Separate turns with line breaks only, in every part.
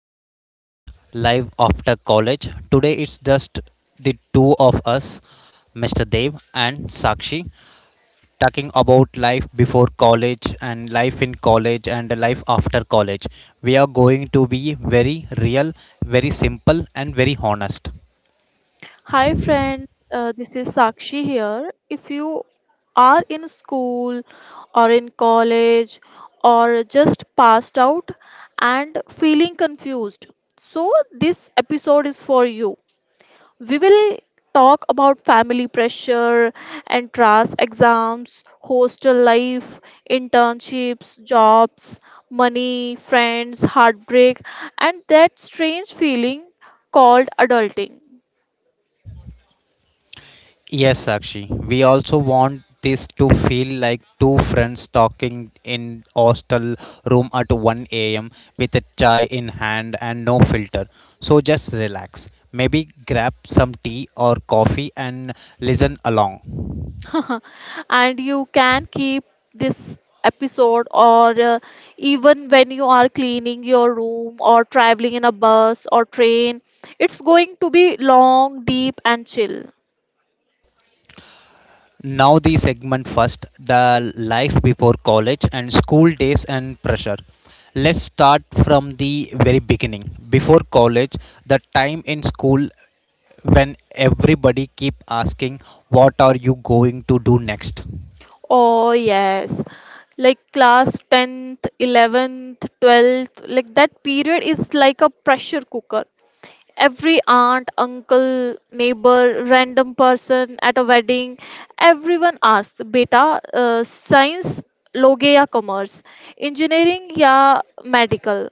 today podcast live after college. Today it's just the two of us, Mr. Dev and Sakshi, talking about life before college and life in college and life after college. We are going to be very real, very simple, and very honest.
Hi friends, this is Sakshi here. If you are in school or in college or just passed out and feeling confused, so this episode is for you. We will talk about family pressure, entrance exams, hostel life, internships, jobs, money, friends, heartbreak, and that strange feeling called adulting.
Yes, Sakshi. We also want this to feel like two friends talking in hostel room at 1 a.m. with a chai in hand and no filter. So just relax. Maybe grab some tea or coffee and listen along.
And you can keep this episode, or even when you are cleaning your room or traveling in a bus or train, it's going to be long, deep and chill.
Now the segment first, the life before college and school days and pressure. Let's start from the very beginning. Before college, the time in school when everybody keep asking what are you going to do next.
Oh yes, like class 10th, 11th, 12th, like that period is like a pressure cooker. Every aunt, uncle, neighbor, random person at a wedding, everyone asks, Beta, science लोगे या commerce engineering या medical.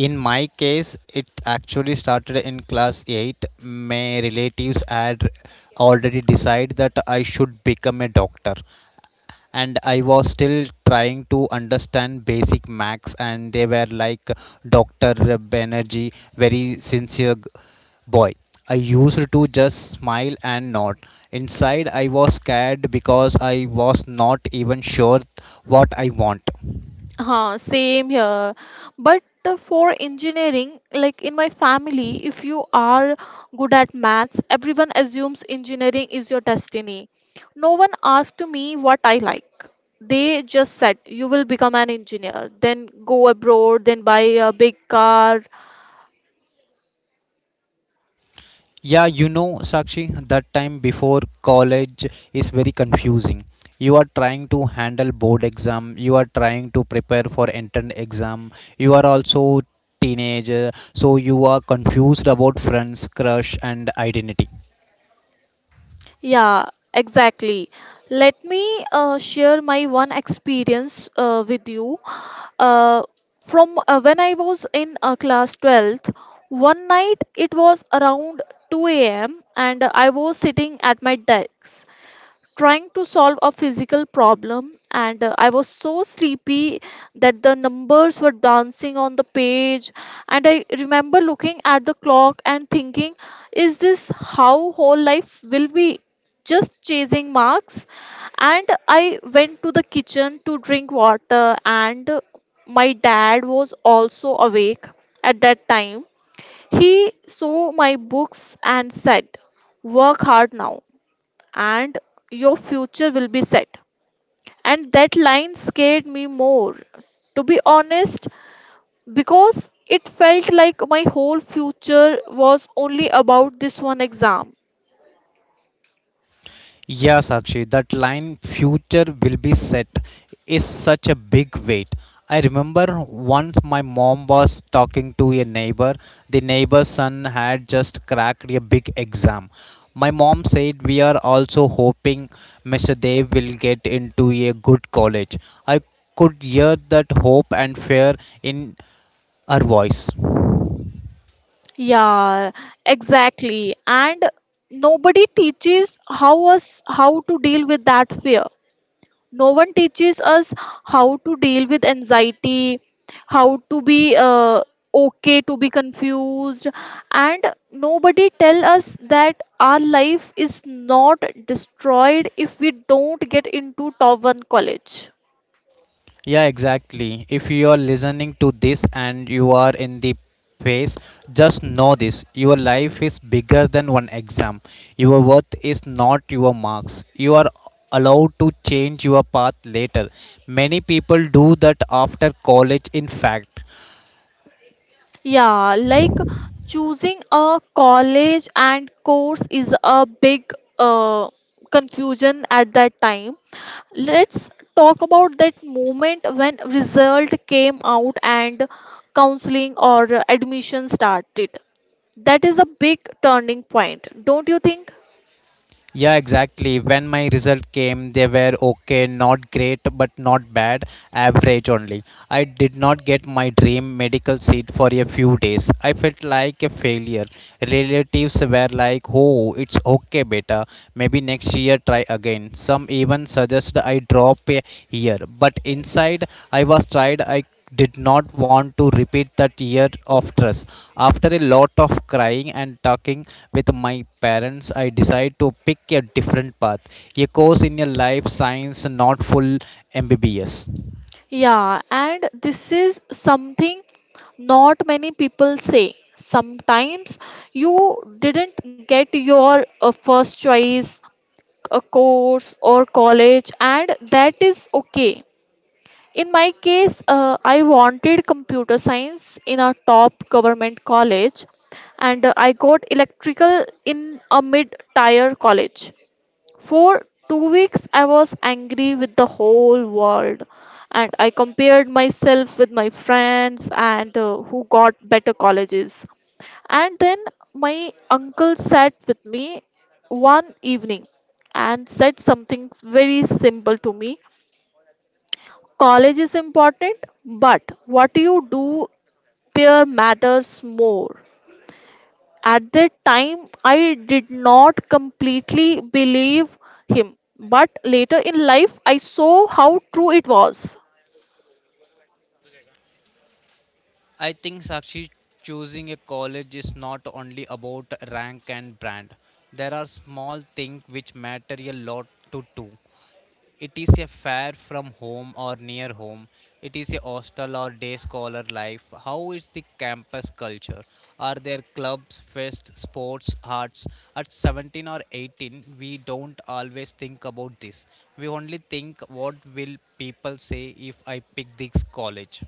In my case it actually started in class 8. My relatives had already decided that I should become a doctor, and I was still trying to understand basic max, and they were like, Dr. Banerjee, very sincere boy. I used to just smile and nod. Inside, I was scared because I was not even sure what I want.
Huh, same here. But for engineering, like in my family, if you are good at maths, everyone assumes engineering is your destiny. No one asked me what I like. They just said, you will become an engineer, then go abroad, then buy a big car.
Yeah, Sakshi, that time before college is very confusing. You are trying to handle board exam, you are trying to prepare for entrance exam, you are also teenager, so you are confused about friends, crush and identity.
Yeah, exactly. Let me share my one experience with you. Uh, from when I was in class 12th, one night it was around 2 a.m. and I was sitting at my desk trying to solve a physical problem, and I was so sleepy that the numbers were dancing on the page. And I remember looking at the clock and thinking, is this how whole life will be, just chasing marks? And I went to the kitchen to drink water, and my dad was also awake at that time. He saw my books and said, work hard now and your future will be set. And that line scared me more, to be honest, because it felt like my whole future was only about this one exam.
Yeah, Sakshi, that line future will be set is such a big weight. I remember once my mom was talking to a neighbor. The neighbor's son had just cracked a big exam. My mom said, we are also hoping Mr. Dev will get into a good college. I could hear that hope and fear in her voice.
Yeah, exactly. And nobody teaches how us how to deal with that fear. No one teaches us how to deal with anxiety, how to be okay to be confused, and nobody tell us that our life is not destroyed if we don't get into top one college.
Yeah, exactly. If you are listening to this and you are in the phase, just know this. Your life is bigger than one exam. Your worth is not your marks. You are allowed to change your path later. Many people do that after college, in fact.
Yeah, like choosing a college and course is a big uh, confusion at that time. Let's talk about that moment when result came out and counseling or admission started. That is a big turning point, don't you think?
Yeah, exactly. When my result came, they were okay, not great, but not bad, average only. I did not get my dream medical seat for a few days. I felt like a failure. Relatives were like, oh, it's okay, beta. Maybe next year try again. Some even suggested I drop a year. But inside, I was tired. I did not want to repeat that year of stress. After a lot of crying and talking with my parents, I decided to pick a different path, a course in a life science, not full MBBS.
Yeah, and this is something not many people say. Sometimes you didn't get your first choice, a course or college, and that is okay. In my case, I wanted computer science in a top government college, and I got electrical in a mid tier college. For 2 weeks I was angry with the whole world, and I compared myself with my friends and who got better colleges. And then my uncle sat with me one evening and said something very simple to me. College is important, but what you do there matters more. At that time, I did not completely believe him, but later in life, I saw how true it was.
I think, Sakshi, choosing a college is not only about rank and brand. There are small things which matter a lot to do. It is a fare from home or near home. It is a hostel or day scholar life. How is the campus culture? Are there clubs, fests, sports, arts? At 17 or 18, we don't always think about this. We only think what will people say if I pick this college.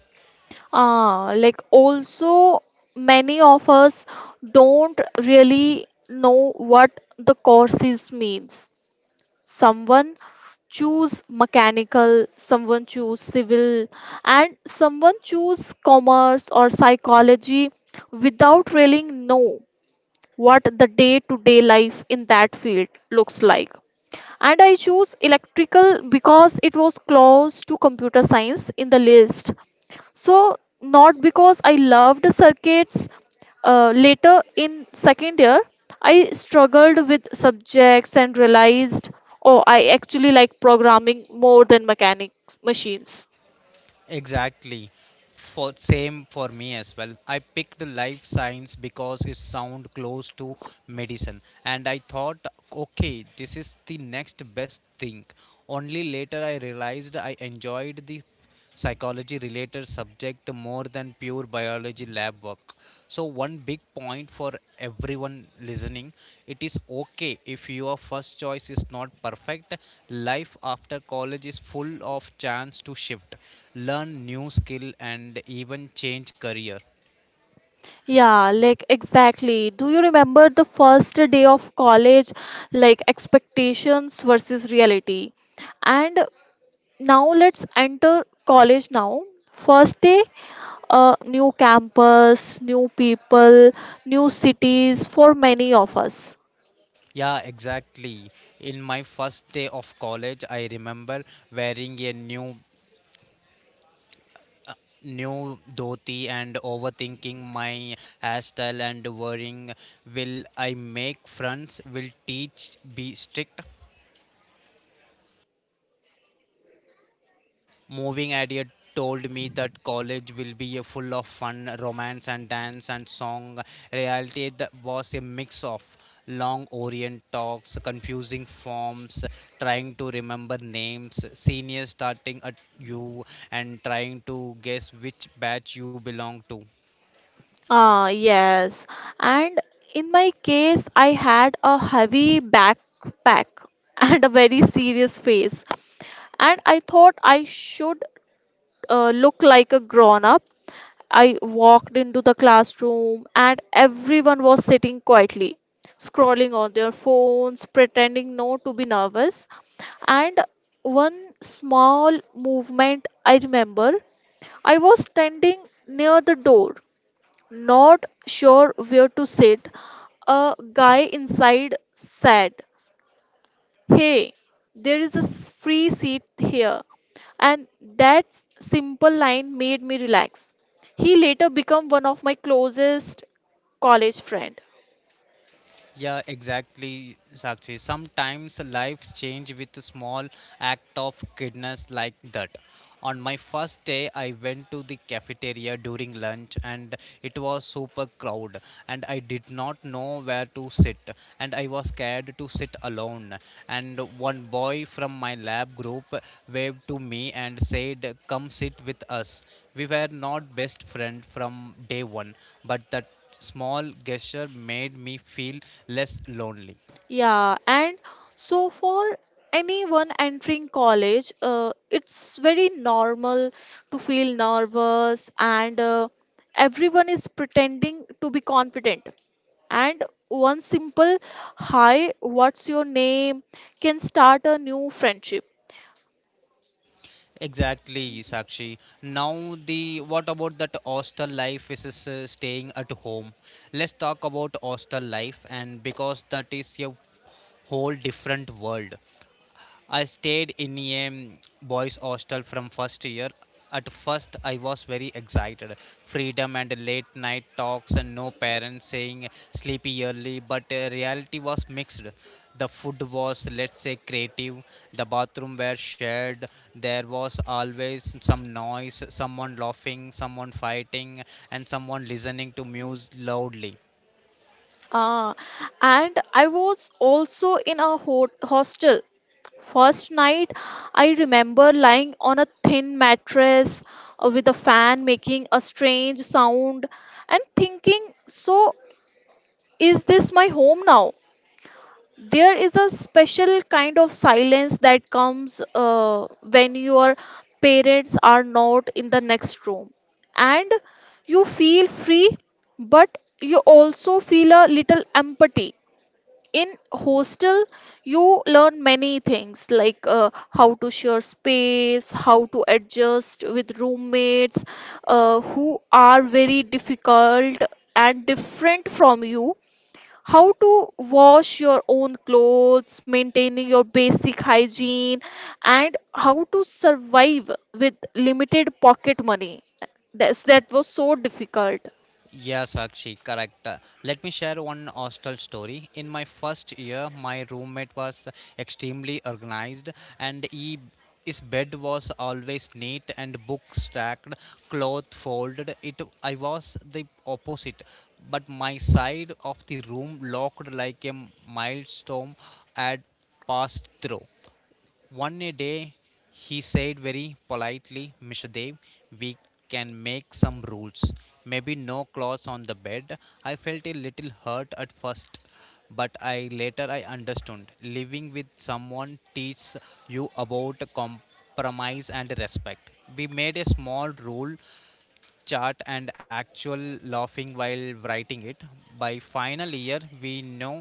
Ah, like also many of us don't really know what the courses means. Someone choose mechanical, someone choose civil, and someone choose commerce or psychology without really know what the day-to-day life in that field looks like. And I choose electrical because it was close to computer science in the list, so not because I loved circuits. Later in second year, I struggled with subjects and realized, oh, I actually like programming more than mechanics machines.
Exactly. For same for me as well. I picked life science because it sound close to medicine and I thought okay, this is the next best thing. Only later I realized I enjoyed the psychology related subject more than pure biology lab work. So, one big point for everyone listening, it is okay if your first choice is not perfect. Life after college is full of chance to shift, learn new skill, and even change career.
Yeah, like exactly. Do you remember the first day of college, like expectations versus reality? And now let's enter college now. First day, a new campus, new people, new cities for many of us.
Yeah, exactly. In my first day of college, I remember wearing a new dhoti and overthinking my hairstyle and worrying, will I make friends, will teach be strict. Moving idea told me that college will be a full of fun, romance, and dance and song. Reality, that was a mix of long orient talks, confusing forms, trying to remember names, seniors starting at you, and trying to guess which batch you belong to.
Ah, yes. And in my case, I had a heavy backpack and a very serious face. And I thought I should look like a grown up. I walked into the classroom and everyone was sitting quietly, scrolling on their phones, pretending not to be nervous. And one small movement I remember, I was standing near the door, not sure where to sit. A guy inside said, hey, there is a free seat here. And that simple line made me relax. He later became one of my closest college friend.
Yeah, exactly, Sakshi. Sometimes life change with a small act of kindness like that. On my first day, I went to the cafeteria during lunch and it was super crowd and I did not know where to sit and I was scared to sit alone. And one boy from my lab group waved to me and said, "Come sit with us." We were not best friend from day one, but that small gesture made me feel less lonely.
Yeah, and so for anyone entering college, it's very normal to feel nervous, and everyone is pretending to be confident. And one simple hi, what's your name can start a new friendship.
Exactly, Sakshi. Now the what about that hostel life is, staying at home. Let's talk about hostel life and because that is a whole different world. I stayed in a boys' hostel from first year. At first, I was very excited. Freedom and late night talks, and no parents saying sleepy early, but reality was mixed. The food was, let's say, creative. The bathroom were shared. There was always some noise, someone laughing, someone fighting, and someone listening to music loudly.
Uh, and I was also in a hostel. First night, I remember lying on a thin mattress with a fan making a strange sound and thinking, so is this my home now? There is a special kind of silence that comes when your parents are not in the next room. And you feel free, but you also feel a little empty. In hostel you learn many things, like how to share space, how to adjust with roommates who are very difficult and different from you, how to wash your own clothes, maintaining your basic hygiene, and how to survive with limited pocket money. That was so difficult.
Yes, Sakshi, correct. Let me share one hostel story. In my first year, my roommate was extremely organized and he his bed was always neat and books stacked, cloth folded. It I was the opposite, but my side of the room looked like a milestone had passed through. One a day, he said very politely, Mr. Dev, we can make some rules. Maybe no clothes on the bed. I felt a little hurt at first, but I later I understood. Living with someone teaches you about compromise and respect. We made a small rule chart and actual laughing while writing it. By final year, we know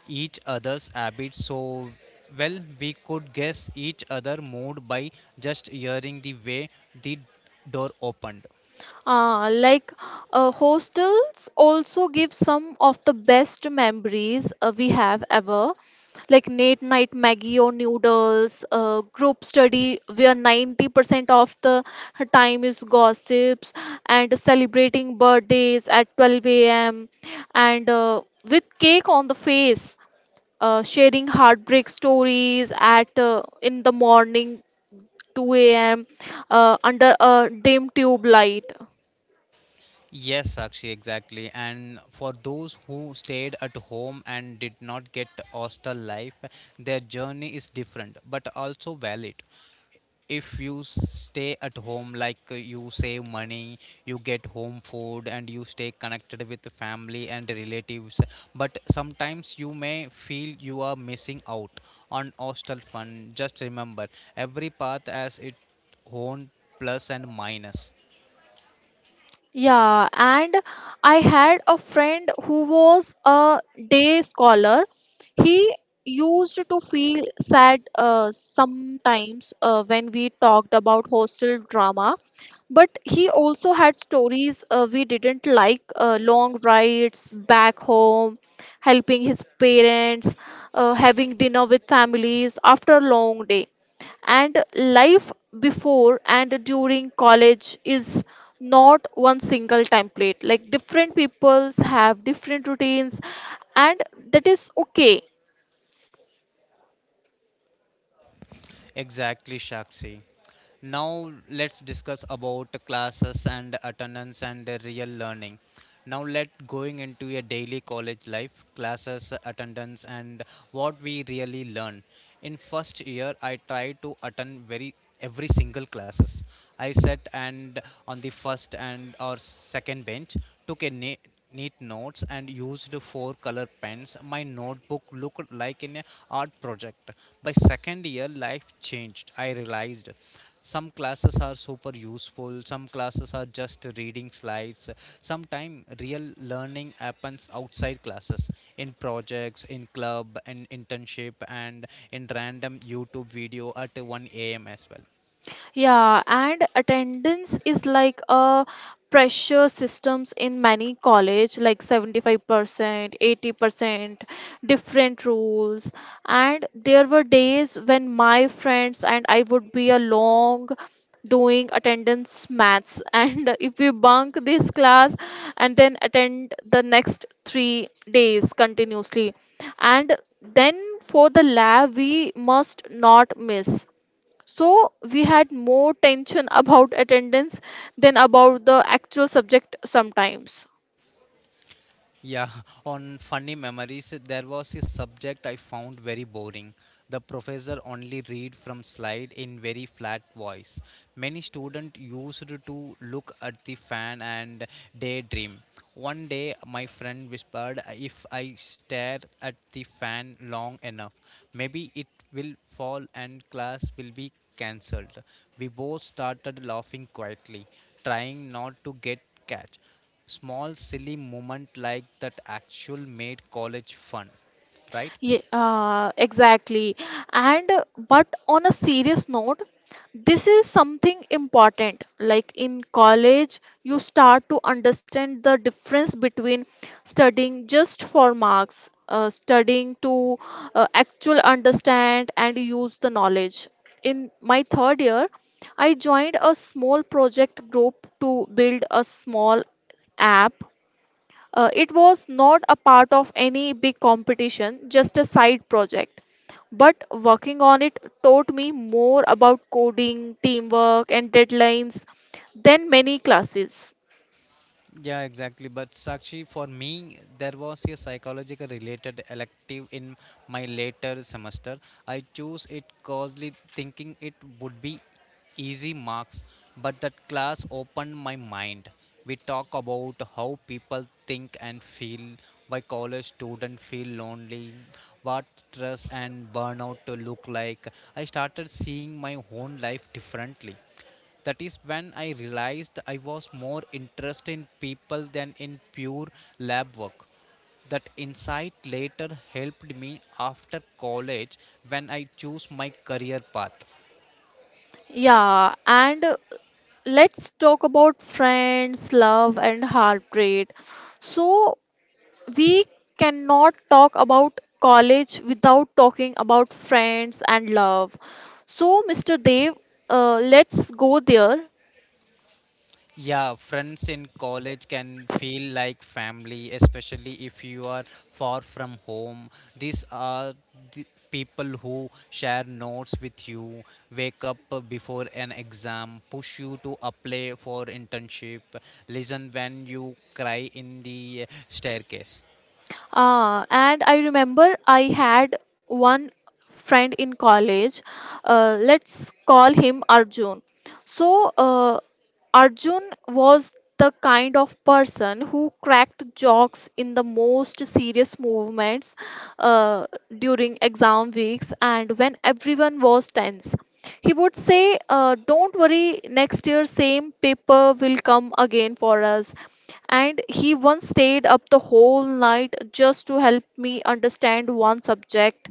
each other's habits so well we could guess each other's mood by just hearing the way the door opened.
Ah, like hostels also give some of the best memories we have ever, like late night Maggie or noodles, group study where 90% of the time is gossips, and celebrating birthdays at 12 a.m. and with cake on the face, sharing heartbreak stories at in the morning 2 a.m., under a dim tube light.
Yes, Sakshi, exactly. And for those who stayed at home and did not get hostel life, their journey is different but also valid. If you stay at home, like, you save money, you get home food, and you stay connected with the family and relatives. But sometimes you may feel you are missing out on hostel fun. Just remember, every path has its own plus and minus.
Yeah, and I had a friend who was a day scholar. He used to feel sad sometimes when we talked about hostel drama, but he also had stories we didn't, like long rides back home, helping his parents, having dinner with families after a long day. And life before and during college is not one single template. Like different peoples have different routines, and that is okay.
Exactly, Shakshi. Now let's discuss about classes and attendance and real learning. Now let going into a daily college life, classes, attendance and what we really learn. In first year I tried to attend very every single classes. I sat and on the first and or second bench, took neat notes and used four color pens. My notebook looked like an art project. By second year, life changed. I realized some classes are super useful, some classes are just reading slides. Sometimes real learning happens outside classes, in projects, in club, in internship, and in random YouTube video at 1 a.m. as well.
Yeah, and attendance is like a pressure systems in many college, like 75%, 80%, different rules. And there were days when my friends and I would be along doing attendance maths and if we bunk this class and then attend the next 3 days continuously and then for the lab we must not miss, so we had more tension about attendance than about the actual subject sometimes.
Yeah, on funny memories, there was a subject I found very boring. The professor only read from slide in very flat voice. Many students used to look at the fan and daydream. One day, my friend whispered, "If I stare at the fan long enough, maybe it will fall and class will be cancelled." We both started laughing quietly, trying not to get catch. Small silly moment like that actual made college fun, right?
Yeah, exactly. And but on a serious note, this is something important. Like in college, you start to understand the difference between studying just for marks, studying to actual understand and use the knowledge. In my third year, I joined a small project group to build a small app. It was not a part of any big competition, just a side project. But working on it taught me more about coding, teamwork, and deadlines than many classes.
Yeah, exactly. But Sakshi, for me, there was a psychological related elective in my later semester. I chose it causally thinking it would be easy marks, but that class opened my mind. We talk about how people think and feel, why college students feel lonely, what stress and burnout to look like. I started seeing my own life differently. That is when I realized I was more interested in people than in pure lab work. That insight later helped me after college when I chose my career path.
Yeah, and let's talk about friends, love, and heart rate. So, we cannot talk about college without talking about friends and love. So, Mr. Dev, let's go there.
Yeah, friends in college can feel like family, especially if you are far from home. These are the people who share notes with you, wake up before an exam, push you to apply for internship, listen when you cry in the staircase.
Ah, and I remember I had one friend in college. Let's call him Arjun. So Arjun was the kind of person who cracked jokes in the most serious movements uh, during exam weeks and when everyone was tense. He would say, don't worry, next year, same paper will come again for us. And he once stayed up the whole night just to help me understand one subject,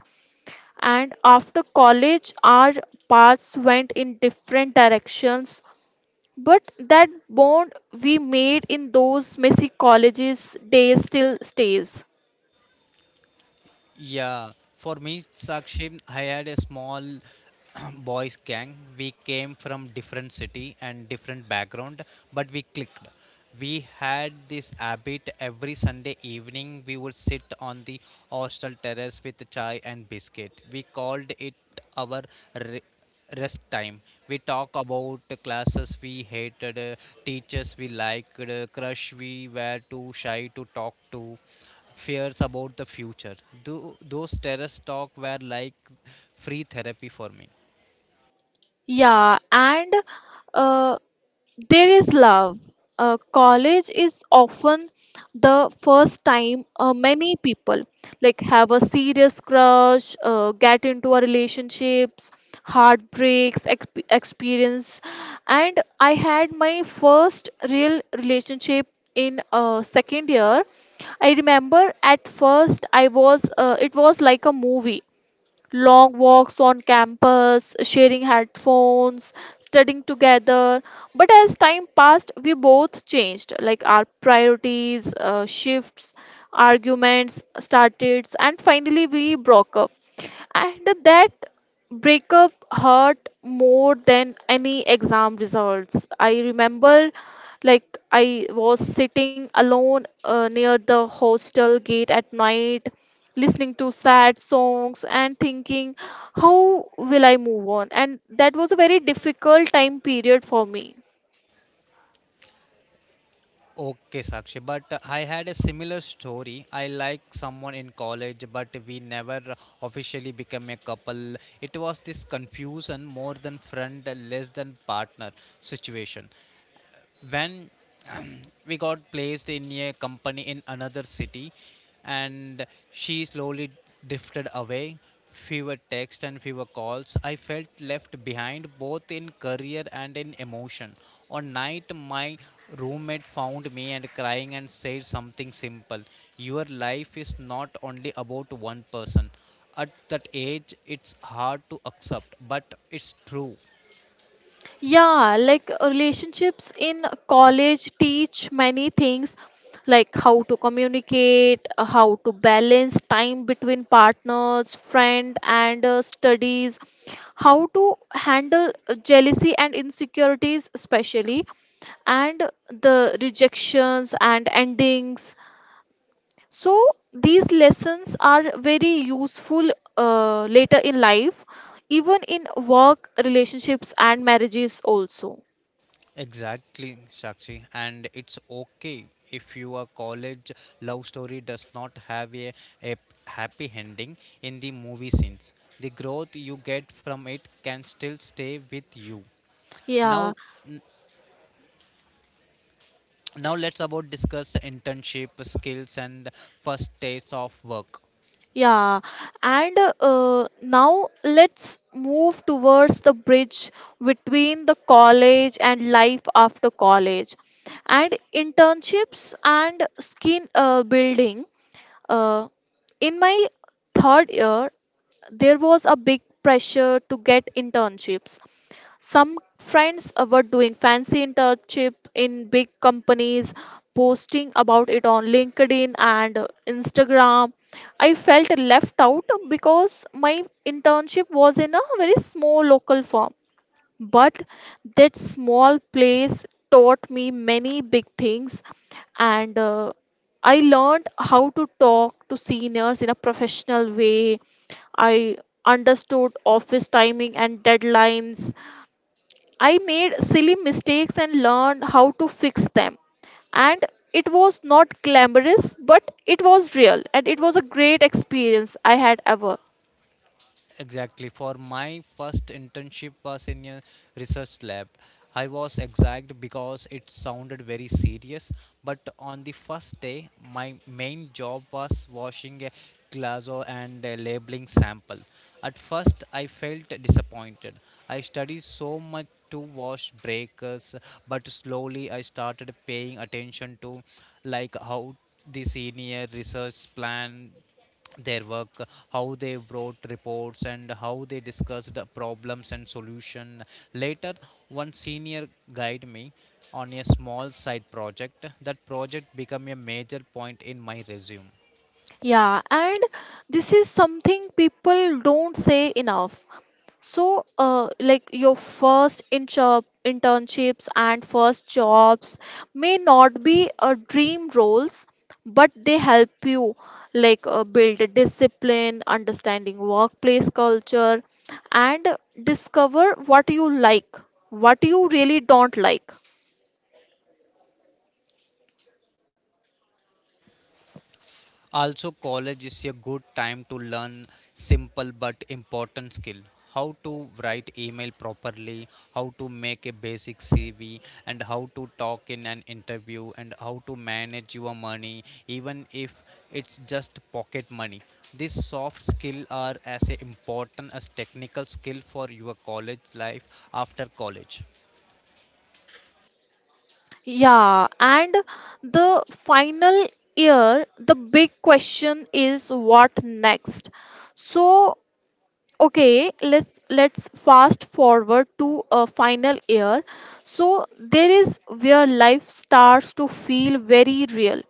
and after college our paths went in different directions, but that bond we made in those messy colleges days still stays.
Yeah, for me, Sakshi, I had a small boys gang. We came from different city and different background, but we clicked. We had this habit every Sunday evening. We would sit on the hostel terrace with chai and biscuit. We called it our rest time. We talk about the classes we hated, teachers we liked, crush we were too shy to talk to, fears about the future. Those terrace talk were like free therapy for me.
Yeah, and uh, there is love. College is often the first time many people, like, have a serious crush, get into a relationships, heartbreaks, experience, and I had my first real relationship in second year. I remember at first I was it was like a movie, long walks on campus, sharing headphones, studying together. But as time passed, we both changed. Like our priorities, shifts, arguments started, and finally we broke up. And that breakup hurt more than any exam results. I remember, like, I was sitting alone near the hostel gate at night, listening to sad songs and thinking, how will I move on? And that was a very difficult time period for me.
Okay, Sakshi, but I had a similar story. I like someone in college, but we never officially became a couple. It was this confusion, more than friend, less than partner situation. When we got placed in a company in another city and she slowly drifted away, fewer texts and fewer calls, I felt left behind both in career and in emotion. On night my roommate found me and crying and said something simple, your life is not only about one person. At that age it's hard to accept, but it's true.
Yeah, like relationships in college teach many things, like how to communicate, how to balance time between partners, friend, and studies, how to handle jealousy and insecurities, especially, and the rejections and endings. So these lessons are very useful later in life, even in work, relationships, and marriages also.
Exactly, Shakshi. And it's okay if your college love story does not have a happy ending in the movie scenes. The growth you get from it can still stay with you. Now,
Yeah,
n- now let's about discuss internship skills and first days of work.
yeah. And now let's move towards the bridge between the college and life after college, and internships and skin building. Uh, in my third year, there was a big pressure to get internships. Some friends were doing fancy internship in big companies, posting about it on LinkedIn and Instagram. I felt left out because my internship was in a very small local firm. But that small place taught me many big things, and I learned how to talk to seniors in a professional way. I understood office timing and deadlines. I made silly mistakes and learned how to fix them. And it was not glamorous, but it was real and it was a great experience I had ever.
Exactly. For my first internship was in a research lab. I was exact because it sounded very serious, but on the first day, my main job was washing a glazo and a labeling sample. At first, I felt disappointed. I studied so much to wash breakers, but slowly I started paying attention to, like, how the senior research plan their work, how they wrote reports, and how they discussed the problems and solution. Later one senior guided me on a small side project. That project became a major point in my resume.
Yeah, and this is something people don't say enough. So, like your first internships and first jobs may not be dream roles, but they help you, like build a discipline, understanding workplace culture, and discover what you like, what you really don't like.
Also, college is a good time to learn simple but important skill. How to write email properly, how to make a basic CV, and how to talk in an interview, and how to manage your money, even if it's just pocket money. These soft skills are as important as technical skill for your college life after college.
Yeah, and the final year, the big question is what next? So, okay, let's fast forward to a final year. So there is where life starts to feel very real,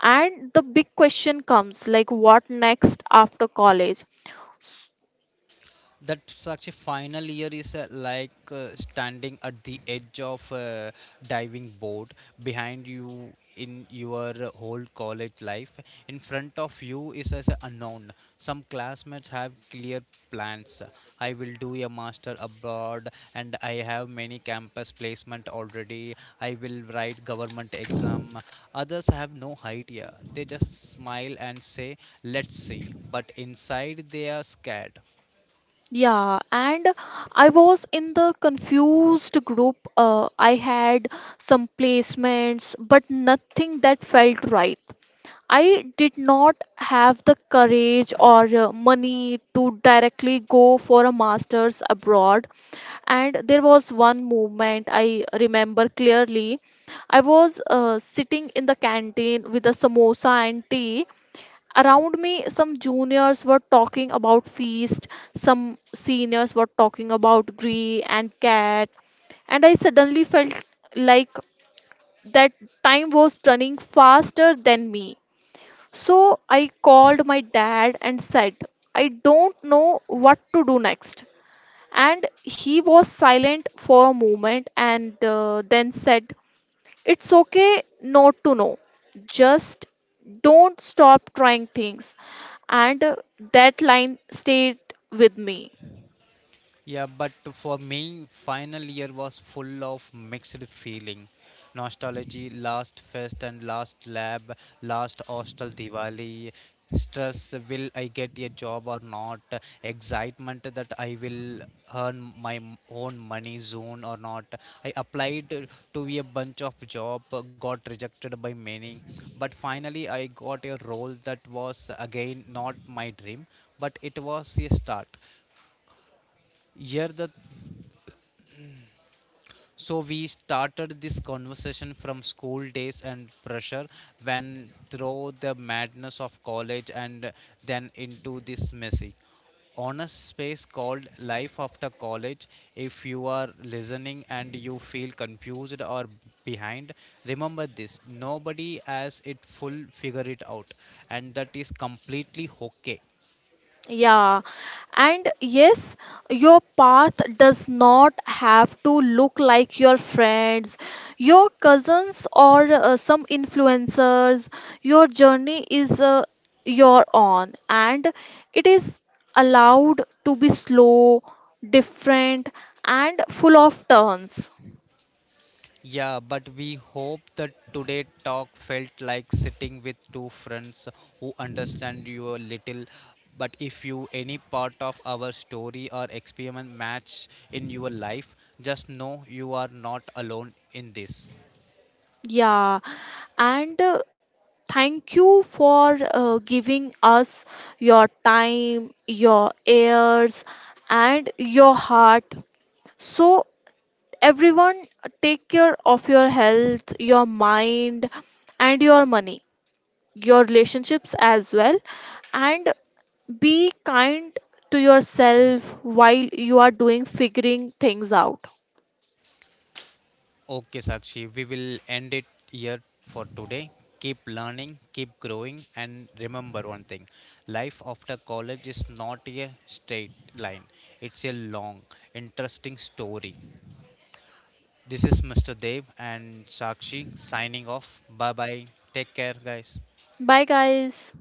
and the big question comes, like what next after college?
That such a final year is, like, standing at the edge of a diving board. Behind you in your whole college life, in front of you is as a unknown. Some classmates have clear plans. I will do a master abroad and I have many campus placement already. I will write government exam. Others have no idea, they just smile and say let's see, but inside they are scared.
Yeah, and I was in the confused group. I had some placements, but nothing that felt right. I did not have the courage or money to directly go for a master's abroad. And there was one moment I remember clearly. I was sitting in the canteen with a samosa and tea. Around me, some juniors were talking about feast, some seniors were talking about Gree and Cat, and I suddenly felt like that time was running faster than me. So I called my dad and said, I don't know what to do next. And he was silent for a moment and then said, it's okay not to know. Just don't stop trying things. And that line stayed with me.
Yeah, but for me, final year was full of mixed feeling. Nostalgy, last fest and last lab, last hostel Diwali, stress, will I get a job or not, excitement that I will earn my own money soon or not. I applied to a bunch of job, got rejected by many, but finally I got a role that was again not my dream, but it was a start. Here the So we started this conversation from school days and pressure, when through the madness of college, and then into this messy honest space called life after college. If you are listening and you feel confused or behind, remember this, nobody has it full figure it out, and that is completely okay.
Yeah, and yes, your path does not have to look like your friends, your cousins, or some influencers. Your journey is your own, and it is allowed to be slow, different, and full of turns.
Yeah, but we hope that today talk felt like sitting with two friends who understand you a little. But if you any part of our story or experiment match in your life, just know you are not alone in this.
Yeah, and thank you for giving us your time, your ears, and your heart. So, everyone, take care of your health, your mind, and your money, your relationships as well, and be kind to yourself while you are doing figuring things out.
Okay, Sakshi, we will end it here for today. Keep learning, keep growing, and remember one thing, life after college is not a straight line, it's a long, interesting story. This is Mr. Dev and Sakshi signing off. Bye bye. Take care, guys.
Bye, guys.